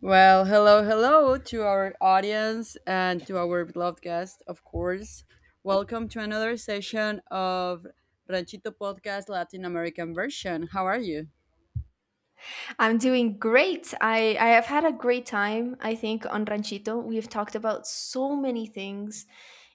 Well, hello, hello to our audience and to our beloved guest, of course. Welcome to another session of Ranchito Podcast Latin American version. How are you? I'm doing great. I have had a great time, I think, on Ranchito. We have talked about so many things.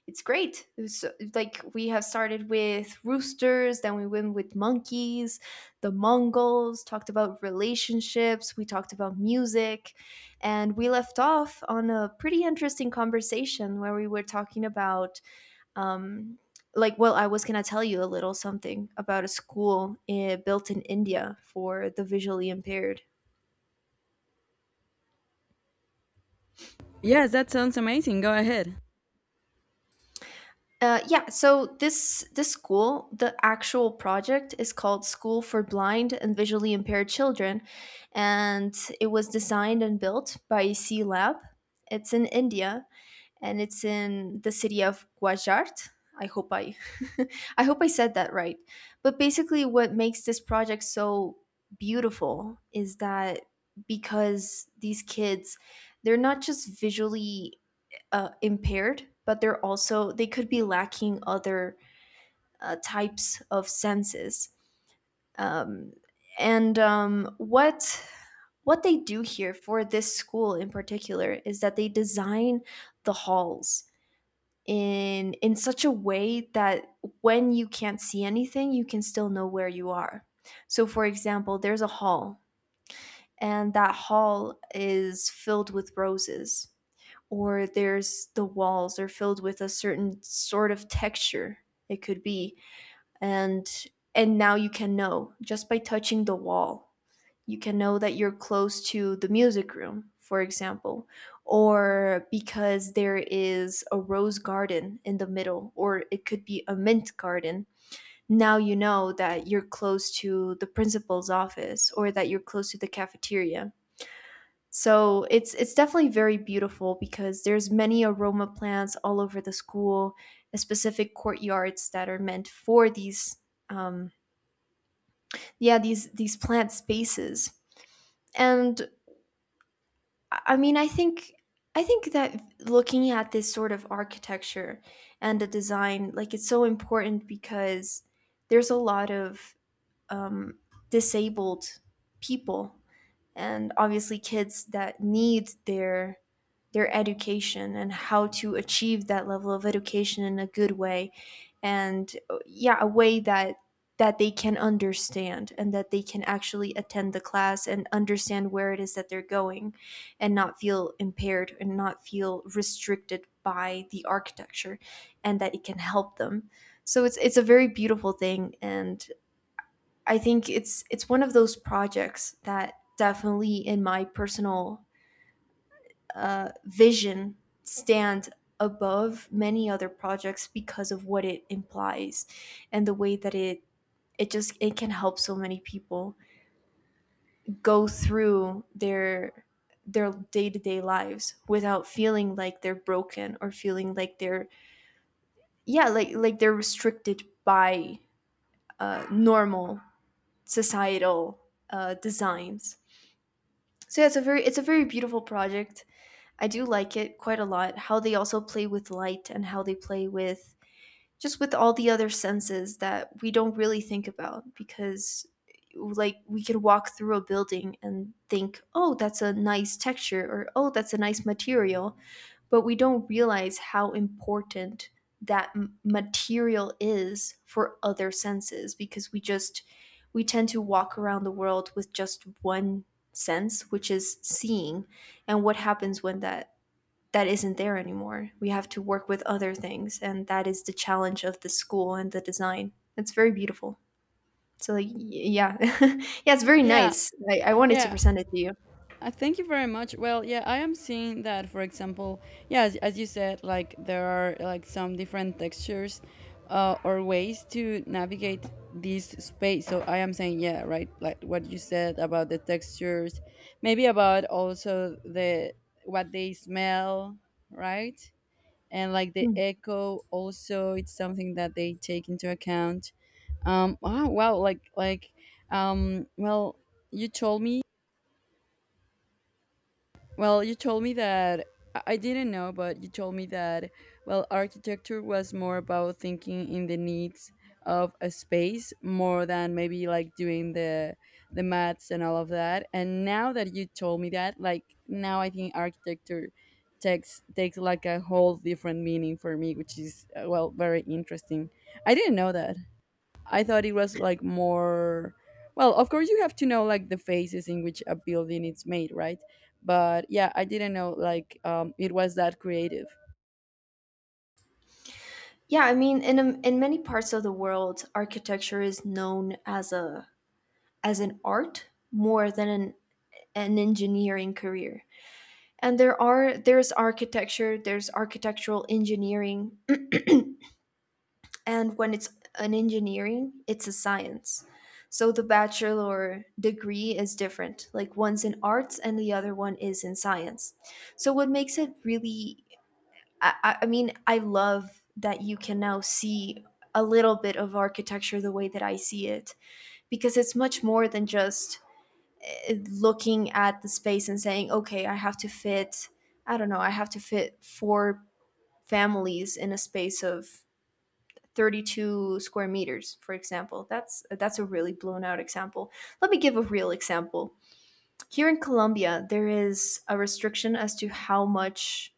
It's great. Like we have started with roosters, then we went with monkeys, the Mongols, talked about relationships, we talked about music, and we left off on a pretty interesting conversation where we were talking about um, I was going to tell you a little something about a school built in India for the visually impaired. Yes, that sounds amazing. Go ahead. So this school, the actual project is called School for Blind and Visually Impaired Children, and it was designed and built by C Lab. It's in India, and it's in the city of Gujarat. I hope I I hope I said that right. But basically, what makes this project so beautiful is that because these kids, they're not just visually impaired, but they're also they could be lacking other types of senses. Um, and what they do here for this school in particular is that they design the halls in such a way that when you can't see anything, you can still know where you are. So, for example, there's a hall, and that hall is filled with roses, or there's, the walls are filled with a certain sort of texture, it could be, and and now you can know just by touching the wall, you can know that you're close to the music room, for example, or because there is a rose garden in the middle, or it could be a mint garden, now you know that you're close to the principal's office or that you're close to the cafeteria. So it's definitely very beautiful because there's many aroma plants all over the school, specific courtyards that are meant for these um yeah, these plant spaces. And I I mean, I think I think that looking at this sort of architecture and the design, like, it's so important because there's a lot of um, disabled people, and obviously kids that need their education, and how to achieve that level of education in a good way, and yeah, a way that they can understand and that they can actually attend the class and understand where it is that they're going, and not feel impaired and not feel restricted by the architecture, and that it can help them. So it's a very beautiful thing, and I think it's one of those projects that definitely in my personal vision stand above many other projects because of what it implies and the way that it just, it can help so many people go through their day-to-day lives without feeling like they're broken or feeling like they're, yeah, like they're restricted by normal societal designs. So yeah, it's a very, it's a very beautiful project. I do like it quite a lot. How they also play with light and how they play with just with all the other senses that we don't really think about, because like we could walk through a building and think, oh, that's a nice texture, or oh, that's a nice material, but we don't realize how important that material is for other senses, because we just, we tend to walk around the world with just one sense, which is seeing. And what happens when that isn't there anymore? We have to work with other things, and that is the challenge of the school and the design. It's very beautiful. So like, y- yeah, yeah, it's very Yeah, nice. I wanted to yeah. present it to you. Thank you very much. Well, yeah, I am seeing that, for example, yeah, as you said, like there are like some different textures, or ways to navigate this space. So I am saying, yeah, right, like what you said about the textures, maybe about also the what they smell, right? And like the Hmm. echo, also, it's something that they take into account. Wow, like well, you told me well, you told me that— I didn't know, but you told me that, well, architecture was more about thinking in the needs of a space more than maybe like doing the maths and all of that. And now that you told me that, like now I think architecture takes like a whole different meaning for me, which is, well, very interesting. I didn't know that. I thought it was like more. Well, of course, you have to know like the phases in which a building is made, right? But yeah, I didn't know, like, it was that creative. Yeah, I mean, in many parts of the world, architecture is known as a, as an art more than an engineering career. And there are, there's architecture, there's architectural engineering, and when it's an engineering, it's a science. So the bachelor degree is different, like one's in arts and the other one is in science. So what makes it really, I mean I love that you can now see a little bit of architecture the way that I see it, because it's much more than just looking at the space and saying, okay, I have to fit, I don't know, I have to fit four families in a space of 32 square meters, for example. That's a really blown out example. Let me give a real example. Here in Colombia, there is a restriction as to how much,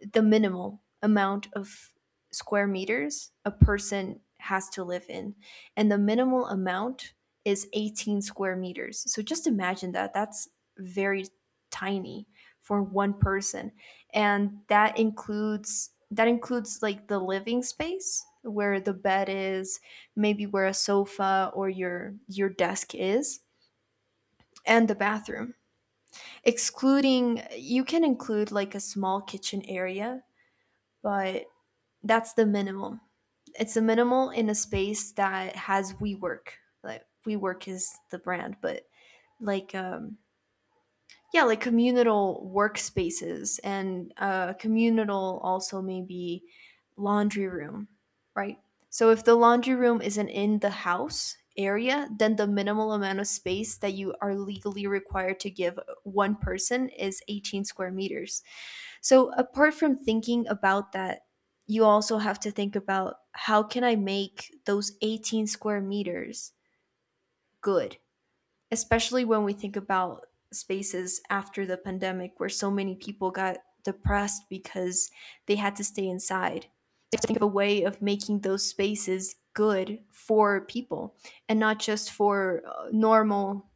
the minimal amount of square meters a person has to live in. And the minimal amount is 18 square meters. So just imagine that. That's very tiny for one person. And that includes, that includes like the living space where the bed is, maybe where a sofa or your desk is, and the bathroom. Excluding, you can include like a small kitchen area, but that's the minimum. It's a minimal in a space that has WeWork. Like WeWork is the brand, but like um yeah, like communal workspaces and communal, also maybe laundry room, right? So if the laundry room isn't in the house area, then the minimal amount of space that you are legally required to give one person is 18 square meters. So apart from thinking about that, you also have to think about, how can I make those 18 square meters good? Especially when we think about spaces after the pandemic where so many people got depressed because they had to stay inside. You have to think of a way of making those spaces good for people, and not just for normal,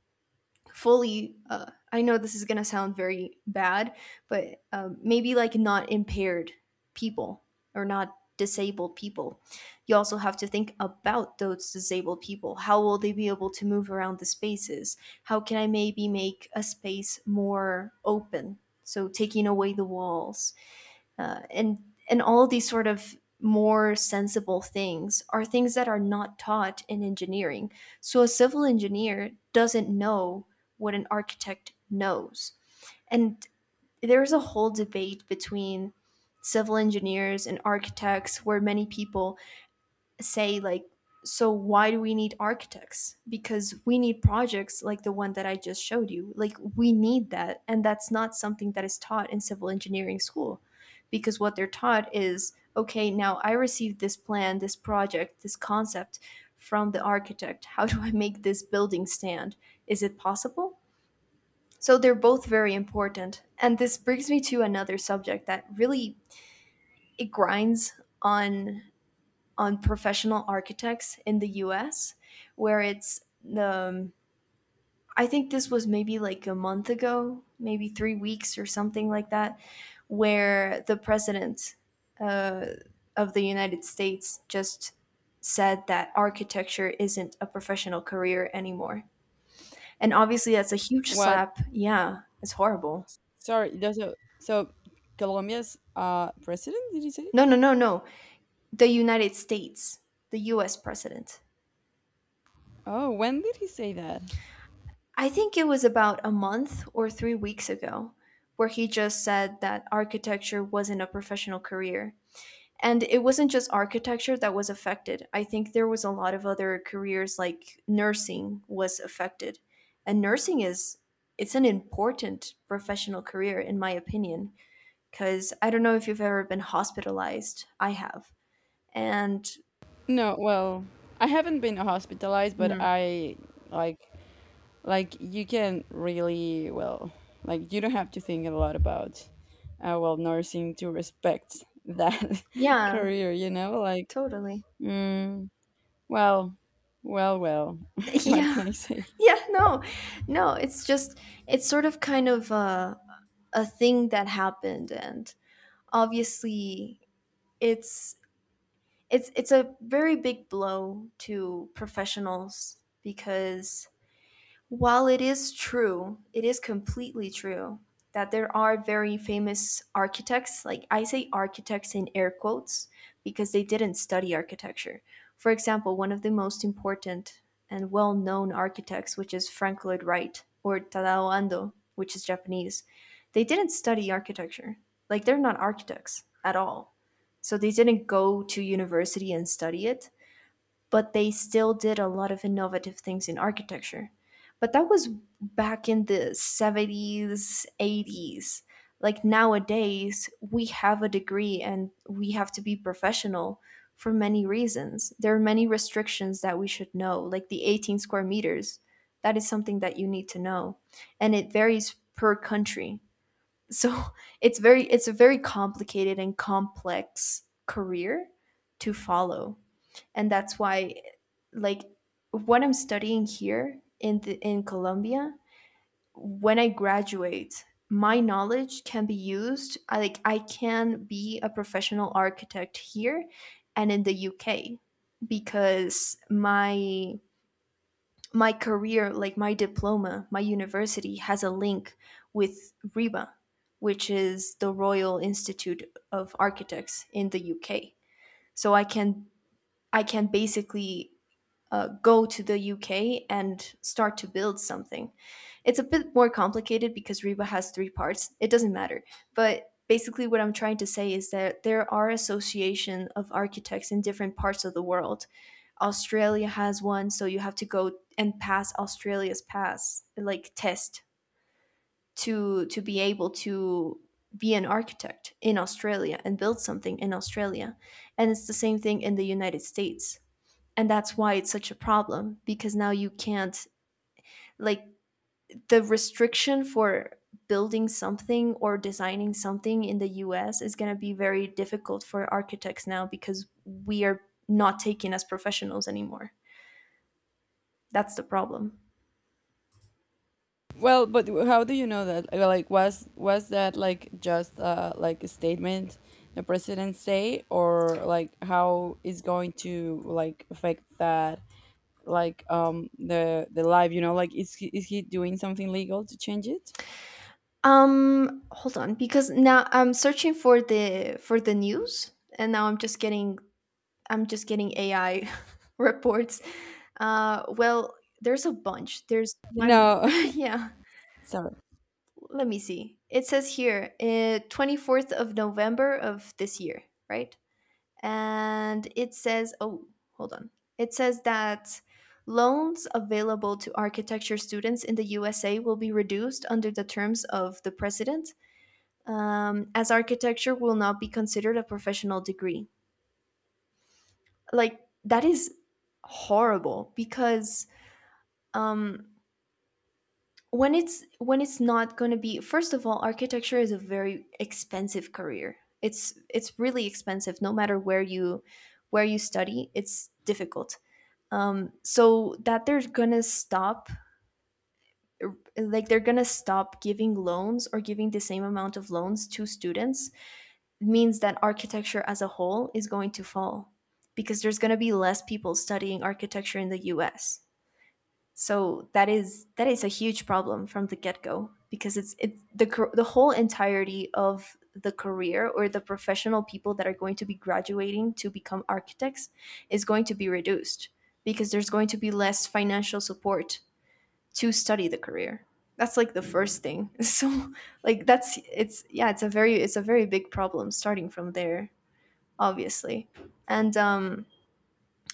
fully, I know this is going to sound very bad, but maybe like not impaired people, or not disabled people. You also have to think about those disabled people, how will they be able to move around the spaces? How can I maybe make a space more open, so taking away the walls, uh, and and all of these sort of more sensible things are things that are not taught in engineering. So a civil engineer doesn't know what an architect knows. And there's a whole debate between civil engineers and architects where many people say, like, so why do we need architects? Because we need projects like the one that I just showed you, like we need that, and that's not something that is taught in civil engineering school, because what they're taught is, okay, now I received this plan, this project, this concept from the architect, how do I make this building stand, is it possible? So they're both very important, and this brings me to another subject that really, it grinds on professional architects in the US, where it's the, I think this was maybe like a month ago, maybe 3 weeks or something like that, where the president uh, of the United States just said that architecture isn't a professional career anymore. And obviously, that's a huge What? slap. Yeah, it's horrible. Sorry. It does So, Colombia's president, did you say? No, no, no, no. The United States, the US president. Oh, when did he say that? I think it was about a month or 3 weeks ago where he just said that architecture wasn't a professional career. And it wasn't just architecture that was affected. I think there was a lot of other careers, like nursing, was affected. And nursing is, it's an important professional career in my opinion, cuz I don't know if you've ever been hospitalized. I have. And No, well, I haven't been hospitalized, but hmm, I— like like you can really— well, like, you don't have to think a lot about, well, nursing, to respect that yeah, career, you know, like, totally. mm, well well what Yeah. can I say. Yeah, no, no, it's just, it's sort of kind of a thing that happened, and obviously, it's it's a very big blow to professionals, because while it is true, it is completely true that there are very famous architects, like I say architects in air quotes because they didn't study architecture. For example, one of the most important and well known architects, which is Frank Lloyd Wright or Tadao Ando, which is Japanese, they didn't study architecture. Like they're not architects at all. So they didn't go to university and study it, but they still did a lot of innovative things in architecture. But that was back in the 70s, 80s. Like nowadays, we have a degree and we have to be professional for many reasons. There are many restrictions that we should know, like the 18 square meters. That is something that you need to know, and it varies per country. So it's very, it's a very complicated and complex career to follow, and that's why, like, what I'm studying here in the, in Colombia, when I graduate, my knowledge can be used, like I can be a professional architect here and in the UK, because my career, like my diploma, my university has a link with RIBA, which is the Royal Institute of Architects in the UK. So I can, I can basically go to the UK and start to build something. It's a bit more complicated because Reba has three parts. It doesn't matter. But basically, what I'm trying to say is that there are association of architects in different parts of the world. Australia has one, so you have to go and pass Australia's pass, like test, to be able to be an architect in Australia and build something in Australia. And it's the same thing in the United States and that's why it's such a problem because now you can't, like, the restriction for building something or designing something in the US is going to be very difficult for architects now because we are not taken as professionals anymore. That's the problem. Well, but how do you know that? Like was that like just like a statement the president say, or like how is going to like affect that, like the life, you know, like, is he doing something legal to change it? Hold on, because now I'm searching for the news and now I'm just getting AI reports. Well, there's a bunch. There's one. No. Yeah, Sorry. let me see. It says here, 24th of November of this year, right? And it says, oh, hold on. It says that loans available to architecture students in the USA will be reduced under the terms of the president, as architecture will not be considered a professional degree. Like, that is horrible because, um, when it's not going to be, first of all, architecture is a very expensive career. It's really expensive no matter where you study. It's difficult. So that they're gonna stop, like, they're gonna stop giving loans or giving the same amount of loans to students means that architecture as a whole is going to fall because there's gonna be less people studying architecture in the us. So that is, that is a huge problem from the get go because it's the whole entirety of the career, or the professional people that are going to be graduating to become architects, is going to be reduced because there's going to be less financial support to study the career. That's like the first thing. So, like, that's, it's, yeah, it's a very, it's a very big problem starting from there, obviously. And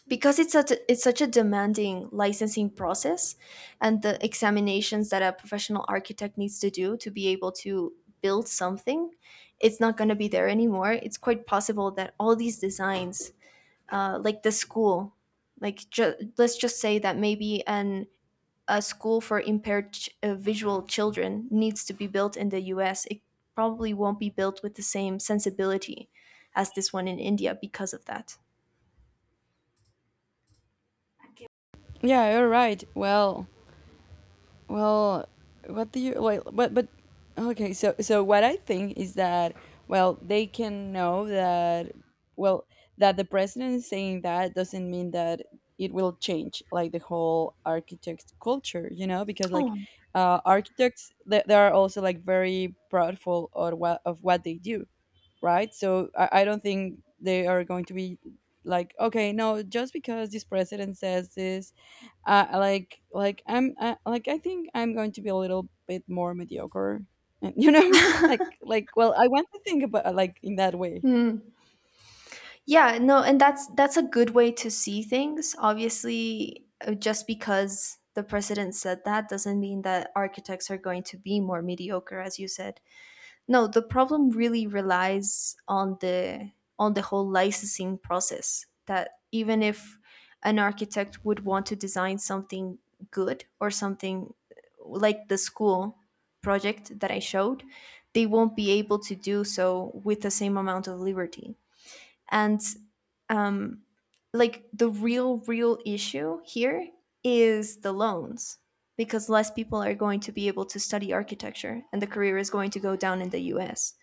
because it's such a demanding licensing process and the examinations that a professional architect needs to do to be able to build something, it's not going to be there anymore. It's quite possible that all these designs, like the school, like let's just say that maybe an a school for impaired visual children needs to be built in the us, it probably won't be built with the same sensibility as this one in india because of that. Yeah, you're right. Well, well, what do you— well, but okay, so what I think is that, well, they can know that, well, that the president is saying that doesn't mean that it will change like the whole architect culture, you know, because, like, Oh. Architects, they are also like very proudful or what of what they do, right? So I don't think they are going to be like, okay, no, just because this president says this, like I'm like, I think I'm going to be a little bit more mediocre and, you know, like, well, I want to think about like in that way. Hmm. Yeah, no, and that's a good way to see things. Obviously, just because the president said that doesn't mean that architects are going to be more mediocre, as you said. No, the problem really relies on the whole licensing process that even if an architect would want to design something good, or something like the school project that I showed, they won't be able to do so with the same amount of liberty. And, um, like, the real issue here is the loans, because less people are going to be able to study architecture and the career is going to go down in the US.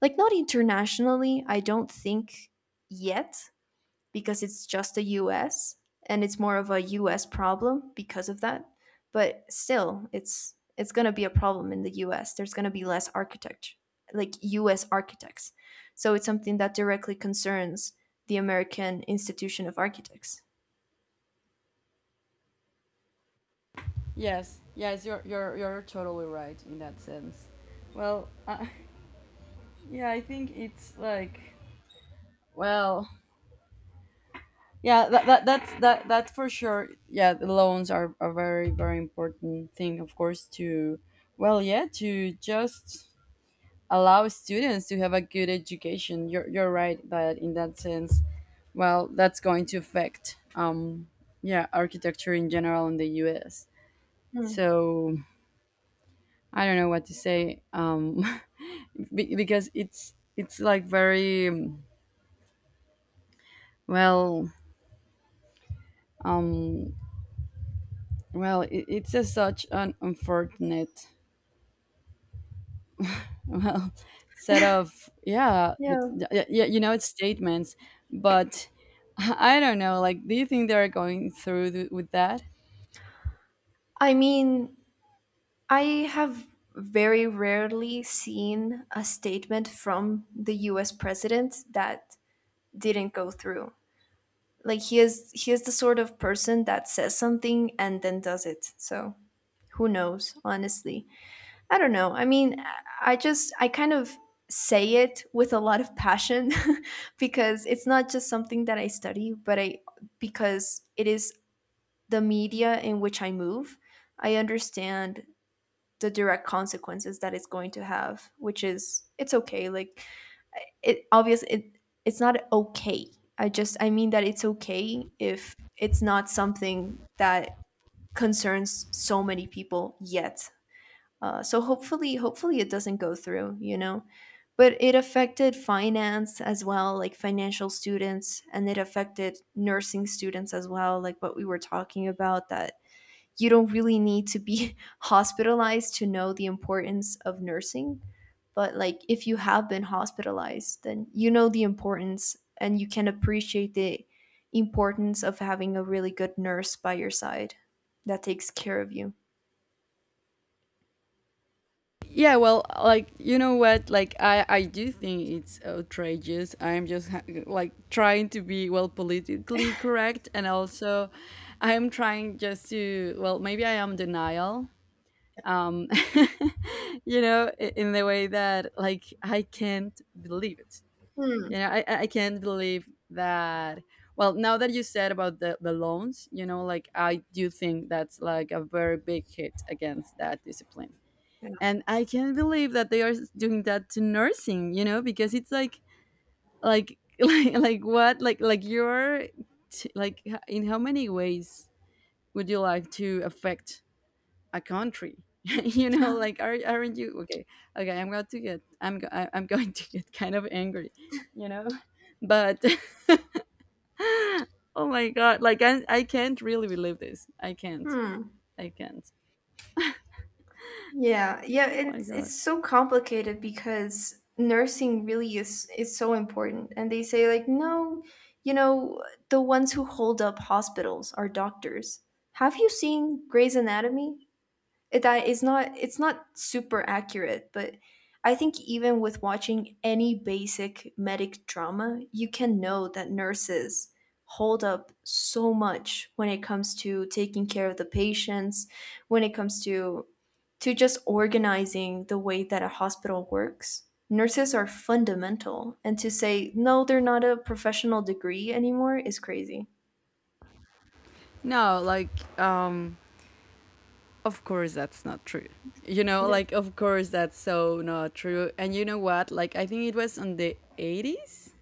Like, not internationally, I don't think, yet, because it's just the US, and it's more of a US problem because of that. But still, it's going to be a problem in the US. There's going to be less architect, like US architects. So it's something that directly concerns the American Institution of Architects. Yes, yes, you're totally right in that sense. Well, yeah, I think it's like, well, yeah, that's for sure. Yeah, the loans are a very, very important thing, of course, to— well, yeah, to just allow students to have a good education. You're, right that in that sense, well, that's going to affect, yeah, architecture in general in the U.S. Hmm. So I don't know what to say, because it's like very, well, um, well, it's a such an unfortunate, well, set of, yeah, like, Yeah. You know, it's statements. But I don't know, like, do you think they're going through with that? I mean, I have very rarely seen a statement from the US president that didn't go through. Like, he is the sort of person that says something and then does it. So who knows, honestly. I don't know. I mean, I kind of say it with a lot of passion because it's not just something that I study, but i, because it is the media in which I move, I understand the direct consequences that it's going to have, which is, it's okay, like, it obvious, it, it's not okay. I just, I mean that it's okay if it's not something that concerns so many people yet. So, hopefully it doesn't go through, you know. But it affected finance as well, like financial students, and it affected nursing students as well, like what we were talking about, that you don't really need to be hospitalized to know the importance of nursing. But like, if you have been hospitalized, then you know the importance, and you can appreciate the importance of having a really good nurse by your side that takes care of you. Yeah, well, like, you know what, like, I do think it's outrageous. I'm just like trying to be, well, politically correct, and also I'm trying just to, well, maybe I am denial, um you know, in the way that, like, I can't believe it. Hmm. You know, I can't believe that. Well, now that you said about the loans, you know, like, I do think that's like a very big hit against that discipline. And I can't believe that they are doing that to nursing, you know, because it's like like what, like you're like in how many ways would you like to affect a country you know, Yeah. like aren't you okay? Okay, I'm going to get— I'm I- I'm going to get kind of angry, you know, but oh my god, like, I can't really believe this. I can't. Hmm. I can't. Yeah, yeah, Oh my it's god. it's so complicated because nursing really is so important. And they say like, no, you know, the ones who hold up hospitals are doctors. Have you seen Grey's Anatomy? That is not, it's not super accurate, but I think even with watching any basic medic drama you can know that nurses hold up so much when it comes to taking care of the patients, when it comes to just organizing the way that a hospital works. Nurses are fundamental, and to say no, they're not a professional degree anymore is crazy. No, like, of course that's not true, you know, Yeah. like, of course that's so not true. And you know what, like, I think it was on the 80s.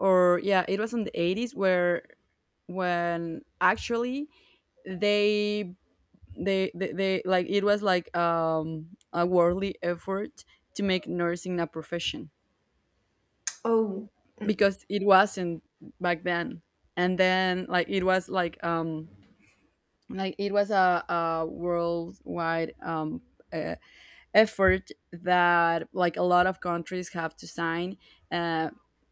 Or, yeah, it was in 80s where— when actually they they like, it was like, a worldly effort to make nursing a profession, Oh. because it wasn't back then. And then, like, it was like, like it was a worldwide, uh, effort that, like, a lot of countries have to sign, uh,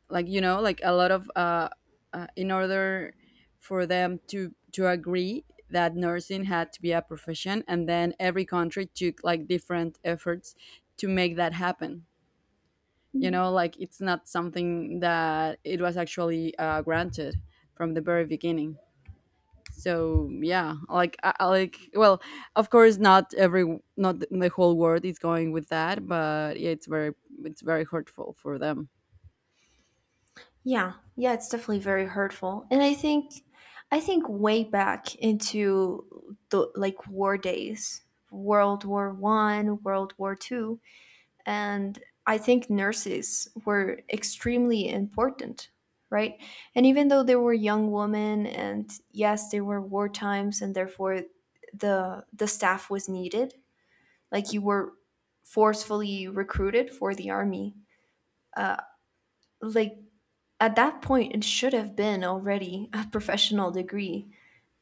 like, you know, like a lot of, in order for them to agree that nursing had to be a profession. And then every country took like different efforts to make that happen. You know, like, it's not something that it was actually, granted from the very beginning. So, yeah, like, I like, well, of course not every— not the whole world is going with that, but, yeah, it's very, hurtful for them. Yeah. Yeah, it's definitely very hurtful. And I think way back into the, like, war days, World War I, World War II, and I think nurses were extremely important, right? And even though they were young women and yes, they were war times and therefore the staff was needed, like you were forcefully recruited for the army. Like, at that point, it should have been already a professional degree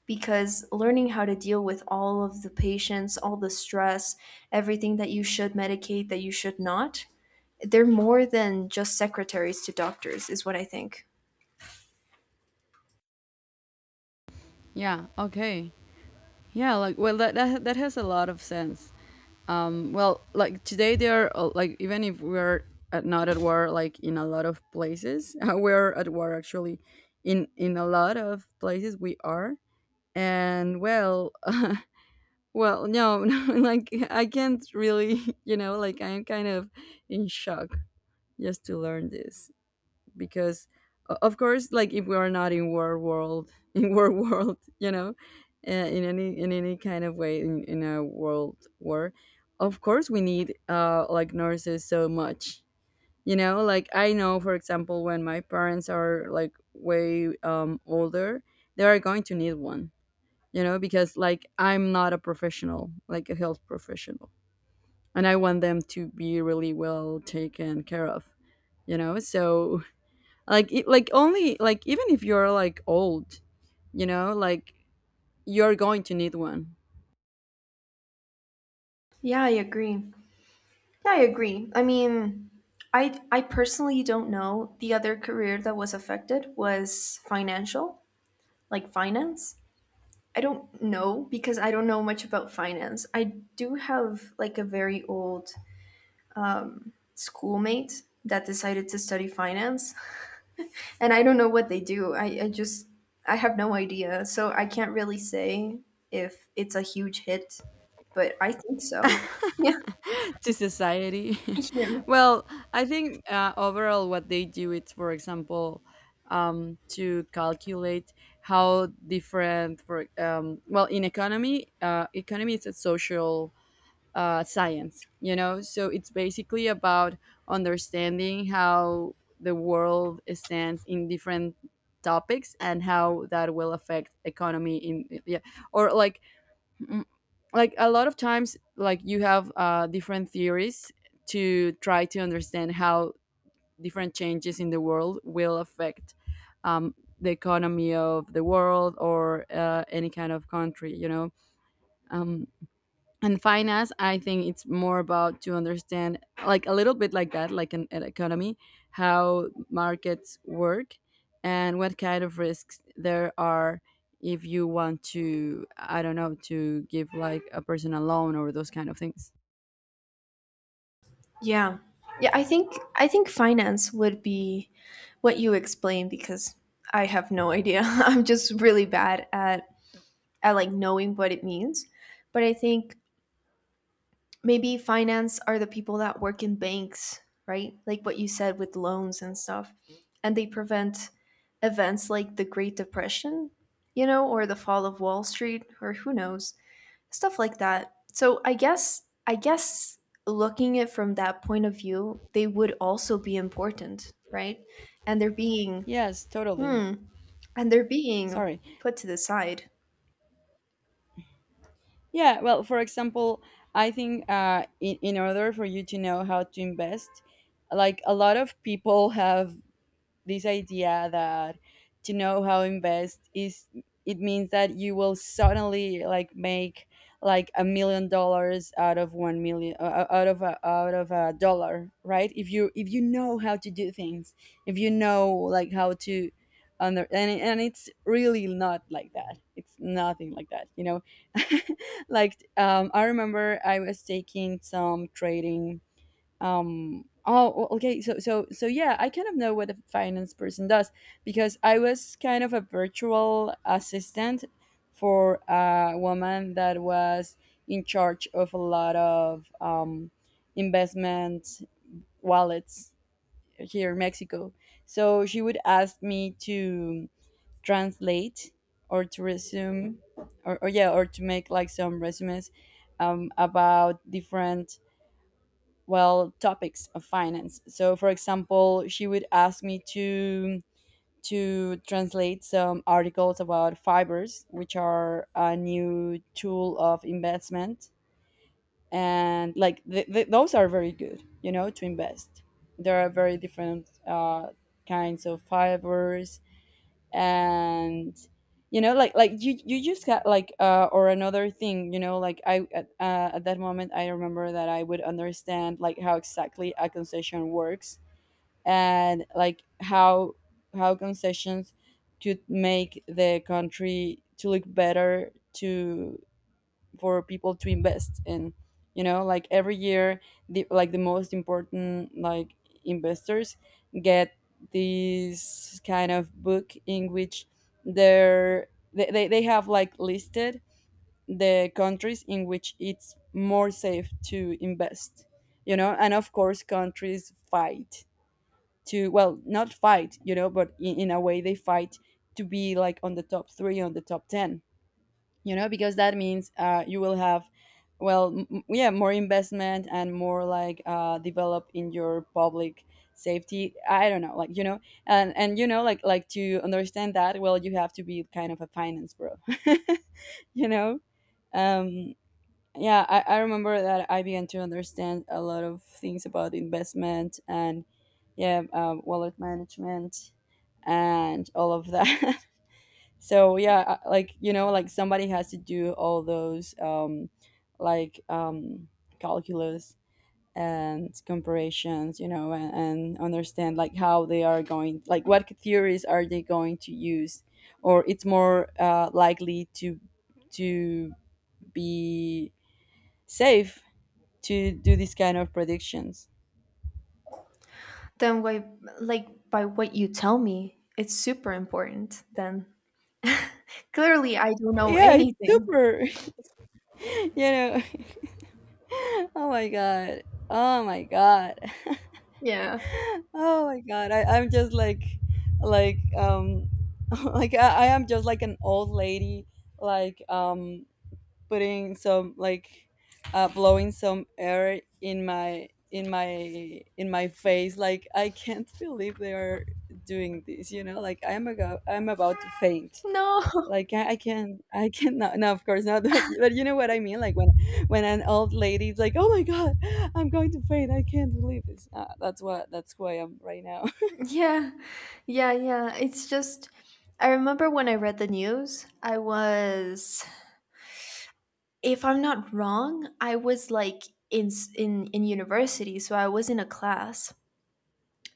because learning how to deal with all of the patients, all the stress, everything that you should medicate, that you should not, they're more than just secretaries to doctors, is what I think. Yeah, okay. Yeah, like, well, that has a lot of sense. Well, like, today they are, like, even if we're not at war, like, in a lot of places we're at war, actually, in a lot of places we are. And, well, well, no, no, like, I can't really, you know, like, I am kind of in shock just to learn this because, of course, like, if we are not in war world, in war world, you know, in any— kind of way, in a world war, of course we need, like, nurses so much, you know, like, I know, for example, when my parents are like way, older, they are going to need one, you know, because, like, I'm not a professional, like, a health professional, and I want them to be really well taken care of, you know. So, like, like, only, like, even if you're like old, you know, like, you're going to need one. Yeah, I agree. Yeah, I agree. I mean, I personally don't know. The other career that was affected was financial, like finance. I don't know because I don't know much about finance. I do have, like, a very old schoolmate that decided to study finance, and I don't know what they do. I just I have no idea, so I can't really say if it's a huge hit, but I think so. yeah to society. yeah, Well, I think, overall, what they do is, for example, to calculate how different for, well, in economy, economy is a social, science, you know? So it's basically about understanding how the world stands in different topics and how that will affect economy in— yeah, or like, mm, like, a lot of times, like, you have, different theories to try to understand how different changes in the world will affect, um, the economy of the world, or, any kind of country, you know. um, and finance, I think it's more about to understand, like, a little bit like that, like an economy, how markets work and what kind of risks there are, if you want to, I don't know, to give like a person a loan, or those kind of things. yeah yeah, i think finance would be what you explain, because I have no idea. I'm just really bad at like knowing what it means. But I think maybe finance are the people that work in banks, right? Like what you said with loans and stuff. And they prevent events like the Great Depression, you know, or the fall of Wall Street, or who knows, stuff like that. So I guess, I guess, looking at from that point of view, they would also be important, right? And they're being, Yes, totally. hmm, and they're being Sorry. put to the side. Yeah, well, for example, I think, in order for you to know how to invest, like, a lot of people have this idea that to know how invest is— it means that you will suddenly like make, like, $1 million out of 1 million, out of out of a dollar, right? If you— if you know how to do things, if you know like how to under— and it's really not like that. It's nothing like that, you know. Like, I remember I was taking some trading. Oh, okay, so, yeah, I kind of know what a finance person does, because I was kind of a virtual assistant for a woman that was in charge of a lot of, investment wallets here in Mexico. So she would ask me to translate, or to resume, or, yeah, or to make like some resumes, about different, well, topics of finance. So, for example, she would ask me to translate some articles about fibers, which are a new tool of investment, and like, those are very good, you know, to invest. There are very different, kinds of fibers. And you know, like you just got like, or another thing. You know, like, I at that moment, I remember that I would understand like how exactly a concession works. And, like, how concessions could make the country to look better to— for people to invest in. You know, like every year, the— like, the most important like investors get this kind of book in which they have like listed the countries in which it's more safe to invest, you know, and of course countries fight to, well, not fight, you know, but in a way they fight to be like on the top three, on the top 10, you know, because that means you will have, well, yeah, more investment and more like develop in your public safety, I don't know, like, you know. And you know, like to understand that, well, you have to be kind of a finance bro. You know. um yeah, I remember that I began to understand a lot of things about investment and, yeah, wallet management and all of that. So yeah, like, you know, like somebody has to do all those like, calculus and comparisons, you know, and understand like how they are going, like what theories are they going to use, or it's more likely to to be safe to do this kind of predictions. Then why, like, by what you tell me, it's super important then. Clearly, I don't know Yeah, it's anything. super. You know. Oh my god, oh my god. Yeah. Oh my god, I'm just like, like I am just like an old lady, like, putting some, like, blowing some air in my face. Like I can't believe they are doing this. You know, like I'm about to faint. No. Like I cannot. No, no, of course not. But you know what I mean. Like when an old lady is like, oh my god, I'm going to faint. I can't believe this. That's what that's who I am right now. Yeah. Yeah, yeah. It's just, I remember when I read the news, I was, if I'm not wrong, I was like in university, so I was in a class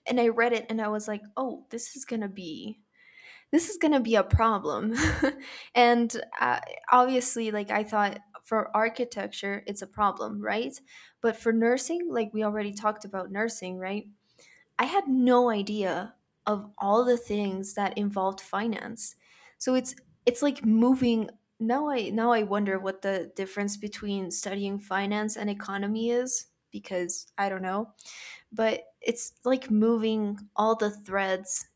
and I read it and I was like, "Oh, this is going to be, this is going to be a problem." And obviously, like, I thought for architecture, it's a problem, right? But for nursing, like, we already talked about nursing, right? I had no idea of all the things that involved finance. So it's like moving, now I wonder what the difference between studying finance and economy is, because I don't know, but it's like moving all the threads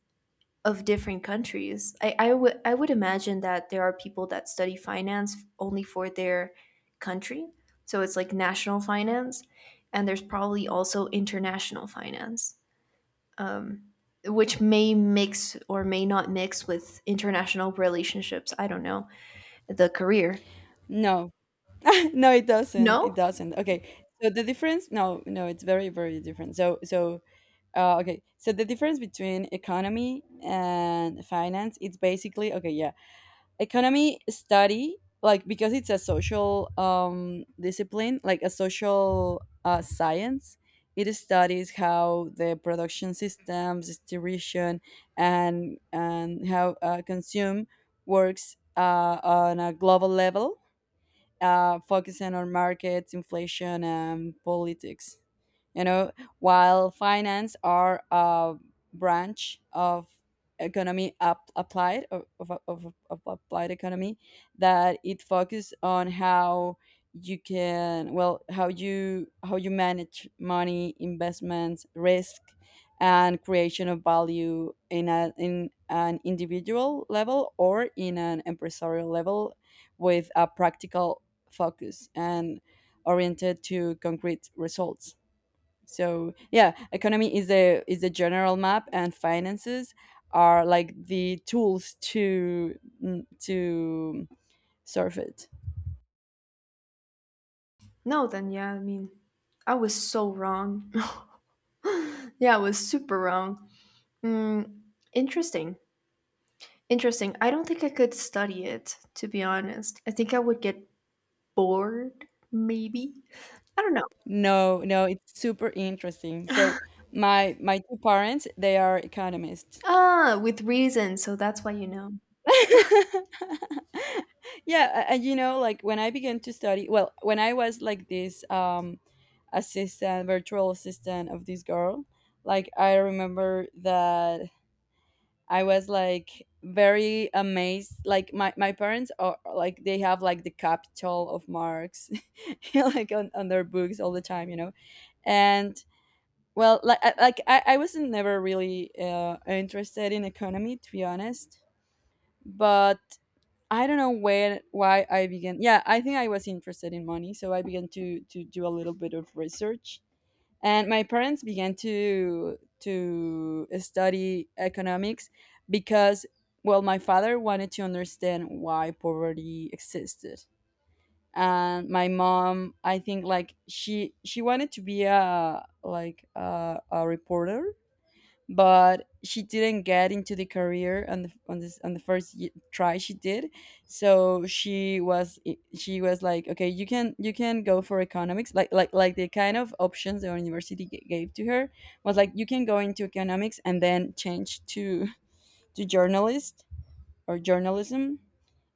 of different countries. I would imagine that there are people that study finance only for their country. So it's like national finance, and there's probably also international finance, um, which may mix or may not mix with international relationships. I don't know. The career. No, no, it doesn't. No? It doesn't. Okay. So the difference, no, no, it's very, very different. Okay. So the difference between economy and finance, it's basically, okay, yeah. Economy study, like, because it's a social, discipline, like a social, science. It studies how the production systems, distribution, and how consume works, on a global level, focusing on markets, inflation, and politics. You know, while finance are a branch of economy up, applied of applied economy, that it focuses on how you can, well, how you manage money, investments, risk, and creation of value in a in an individual level or in an empresarial level with a practical focus and oriented to concrete results. So yeah, economy is the general map, and finances are like the tools to, to surf it. No, then yeah, I mean, I was so wrong. Yeah, I was super wrong. Mm, interesting. Interesting. I don't think I could study it, to be honest. I think I would get bored, maybe. I don't know. No, no, it's super interesting. So my two parents, they are economists. Ah, with reason, so that's why you know. Yeah, and you know, like when I began to study, well, when I was like this assistant virtual assistant of this girl, like I remember that I was like very amazed, like my parents are like they have like the Capital of Marx, like on their books all the time, you know. And, well, like I wasn't never really, interested in economy, to be honest. But I don't know when why I began. Yeah, I think I was interested in money, so I began to do a little bit of research. And my parents began to study economics, because, well, my father wanted to understand why poverty existed. And my mom, I think, like she wanted to be a like a reporter, but she didn't get into the career on the on this on the first try, she did. So she was like, okay, you can go for economics, like, the kind of options the university gave to her was like you can go into economics and then change to, journalist or journalism.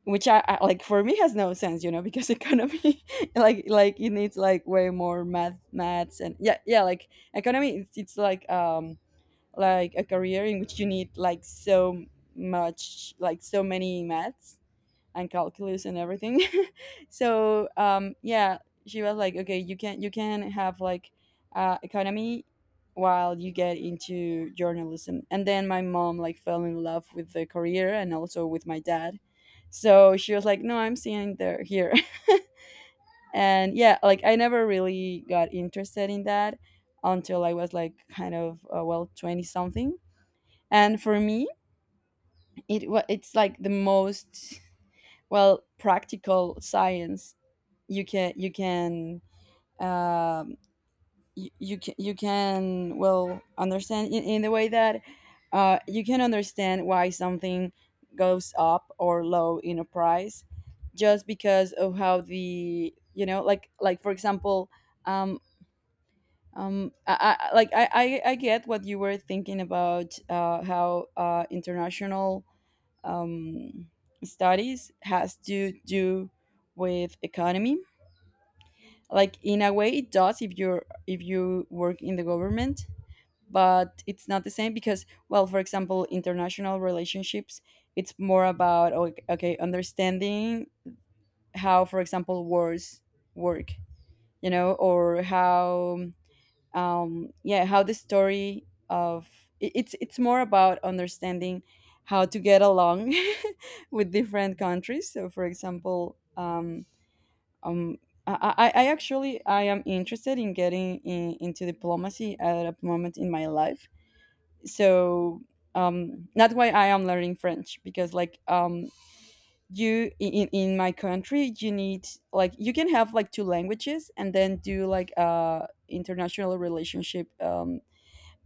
Which I like, for me, has no sense, you know, because economy like it needs like way more maths and, yeah, yeah, like economy, it's like, like a career in which you need like so much, like so many maths and calculus and everything. So, yeah, she was like, okay, you can have, like, economy while you get into journalism. And then my mom, like, fell in love with the career, and also with my dad. So she was like, no, I'm staying there, here. And yeah, like I never really got interested in that until I was like kind of, well, 20 something. And for me, it's like the most, well, practical science you can, um, you can well understand, in the way that, you can understand why something goes up or low in a price, just because of how the, you know, for example, um I get what you were thinking about, how international, um, studies has to do with economy. Like in a way it does, if you're if you work in the government. But it's not the same, because, well, for example, international relationships, it's more about, okay, understanding how, for example, wars work. You know, or how, yeah, how the story of, it's more about understanding how to get along with different countries. So, for example, um, I actually I am interested in getting into diplomacy at a moment in my life. So, that's why I am learning French, because, like, in my country you need, like, you can have like two languages and then do like a international relationship,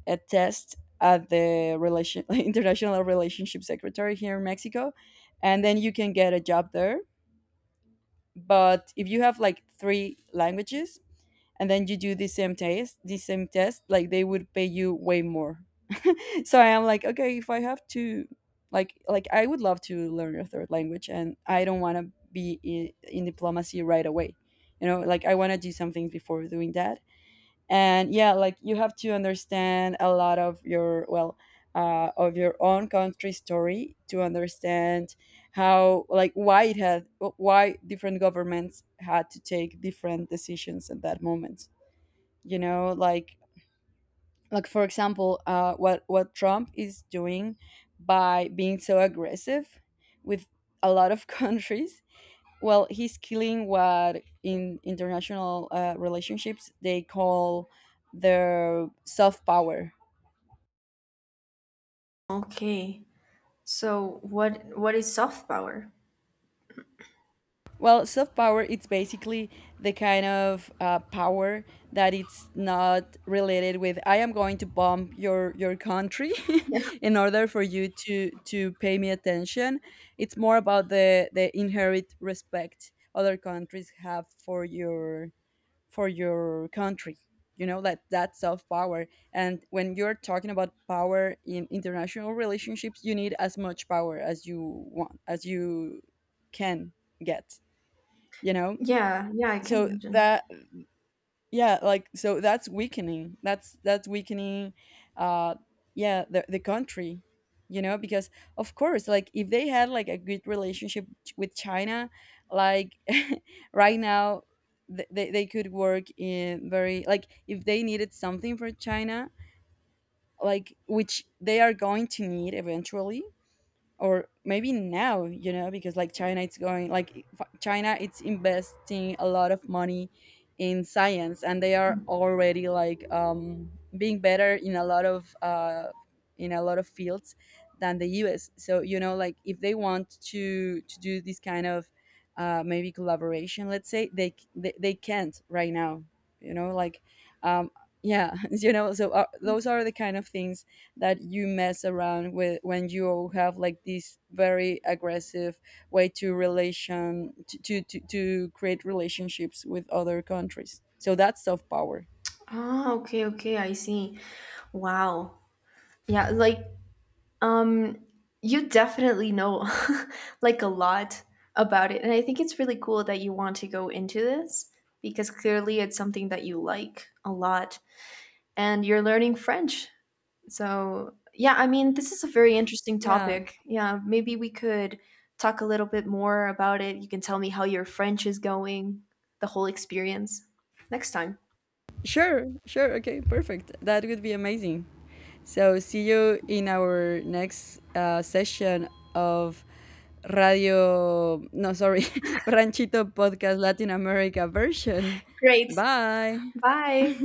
a test at the relation, international relationship secretary, here in Mexico, and then you can get a job there. But if you have like three languages and then you do the same test, like they would pay you way more. So I am like, okay, if I have to, like, I would love to learn a third language, and I don't want to be in diplomacy right away. You know, like I want to do some things before doing that. And yeah, like you have to understand a lot of your, well, of your own country story, to understand how, like, why it had, why different governments had to take different decisions at that moment, you know, like, for example, what Trump is doing, by being so aggressive with a lot of countries. Well, he's killing what in international, relationships, they call the soft power. Okay. So what is soft power? Well, soft power, it's basically the kind of, power, that it's not related with I am going to bomb your country. Yeah. In order for you to pay me attention. It's more about the inherent respect other countries have for your country, you know, that, self power. And when you're talking about power in international relationships, you need as much power as you want as you can get, you know. Yeah, yeah, I can So imagine. that yeah, like, so that's weakening, that's weakening, uh yeah, the country, you know, because of course, like, if they had like a good relationship, with China, like, right now, they could work in very, like, if they needed something for China, like, which they are going to need eventually, or maybe now, you know, because like China, it's going like, China it's investing a lot of money in science. And they are already like, being better in a lot of, fields than the US. So you know, like, if they want to do this kind of, maybe collaboration, let's say, they, c- they can't right now, you know, like, um yeah, you know. So, those are the kind of things that you mess around with when you have like this very aggressive way to, relation to to create relationships with other countries. So that's soft power. Ah, okay, okay, I see. Wow. Yeah, like, um you definitely know like a lot about it. And I think it's really cool that you want to go into this because clearly it's something that you like a lot, and you're learning French. So, yeah, I mean, this is a very interesting Yeah, topic. Yeah, maybe we could talk a little bit more about it. You can tell me how your French is going, the whole experience, next time. sure, sure, okay, perfect, that would be amazing. So see you in our next, session of Radio, no, sorry, Ranchito Podcast Latin America version. Great. Bye. Bye.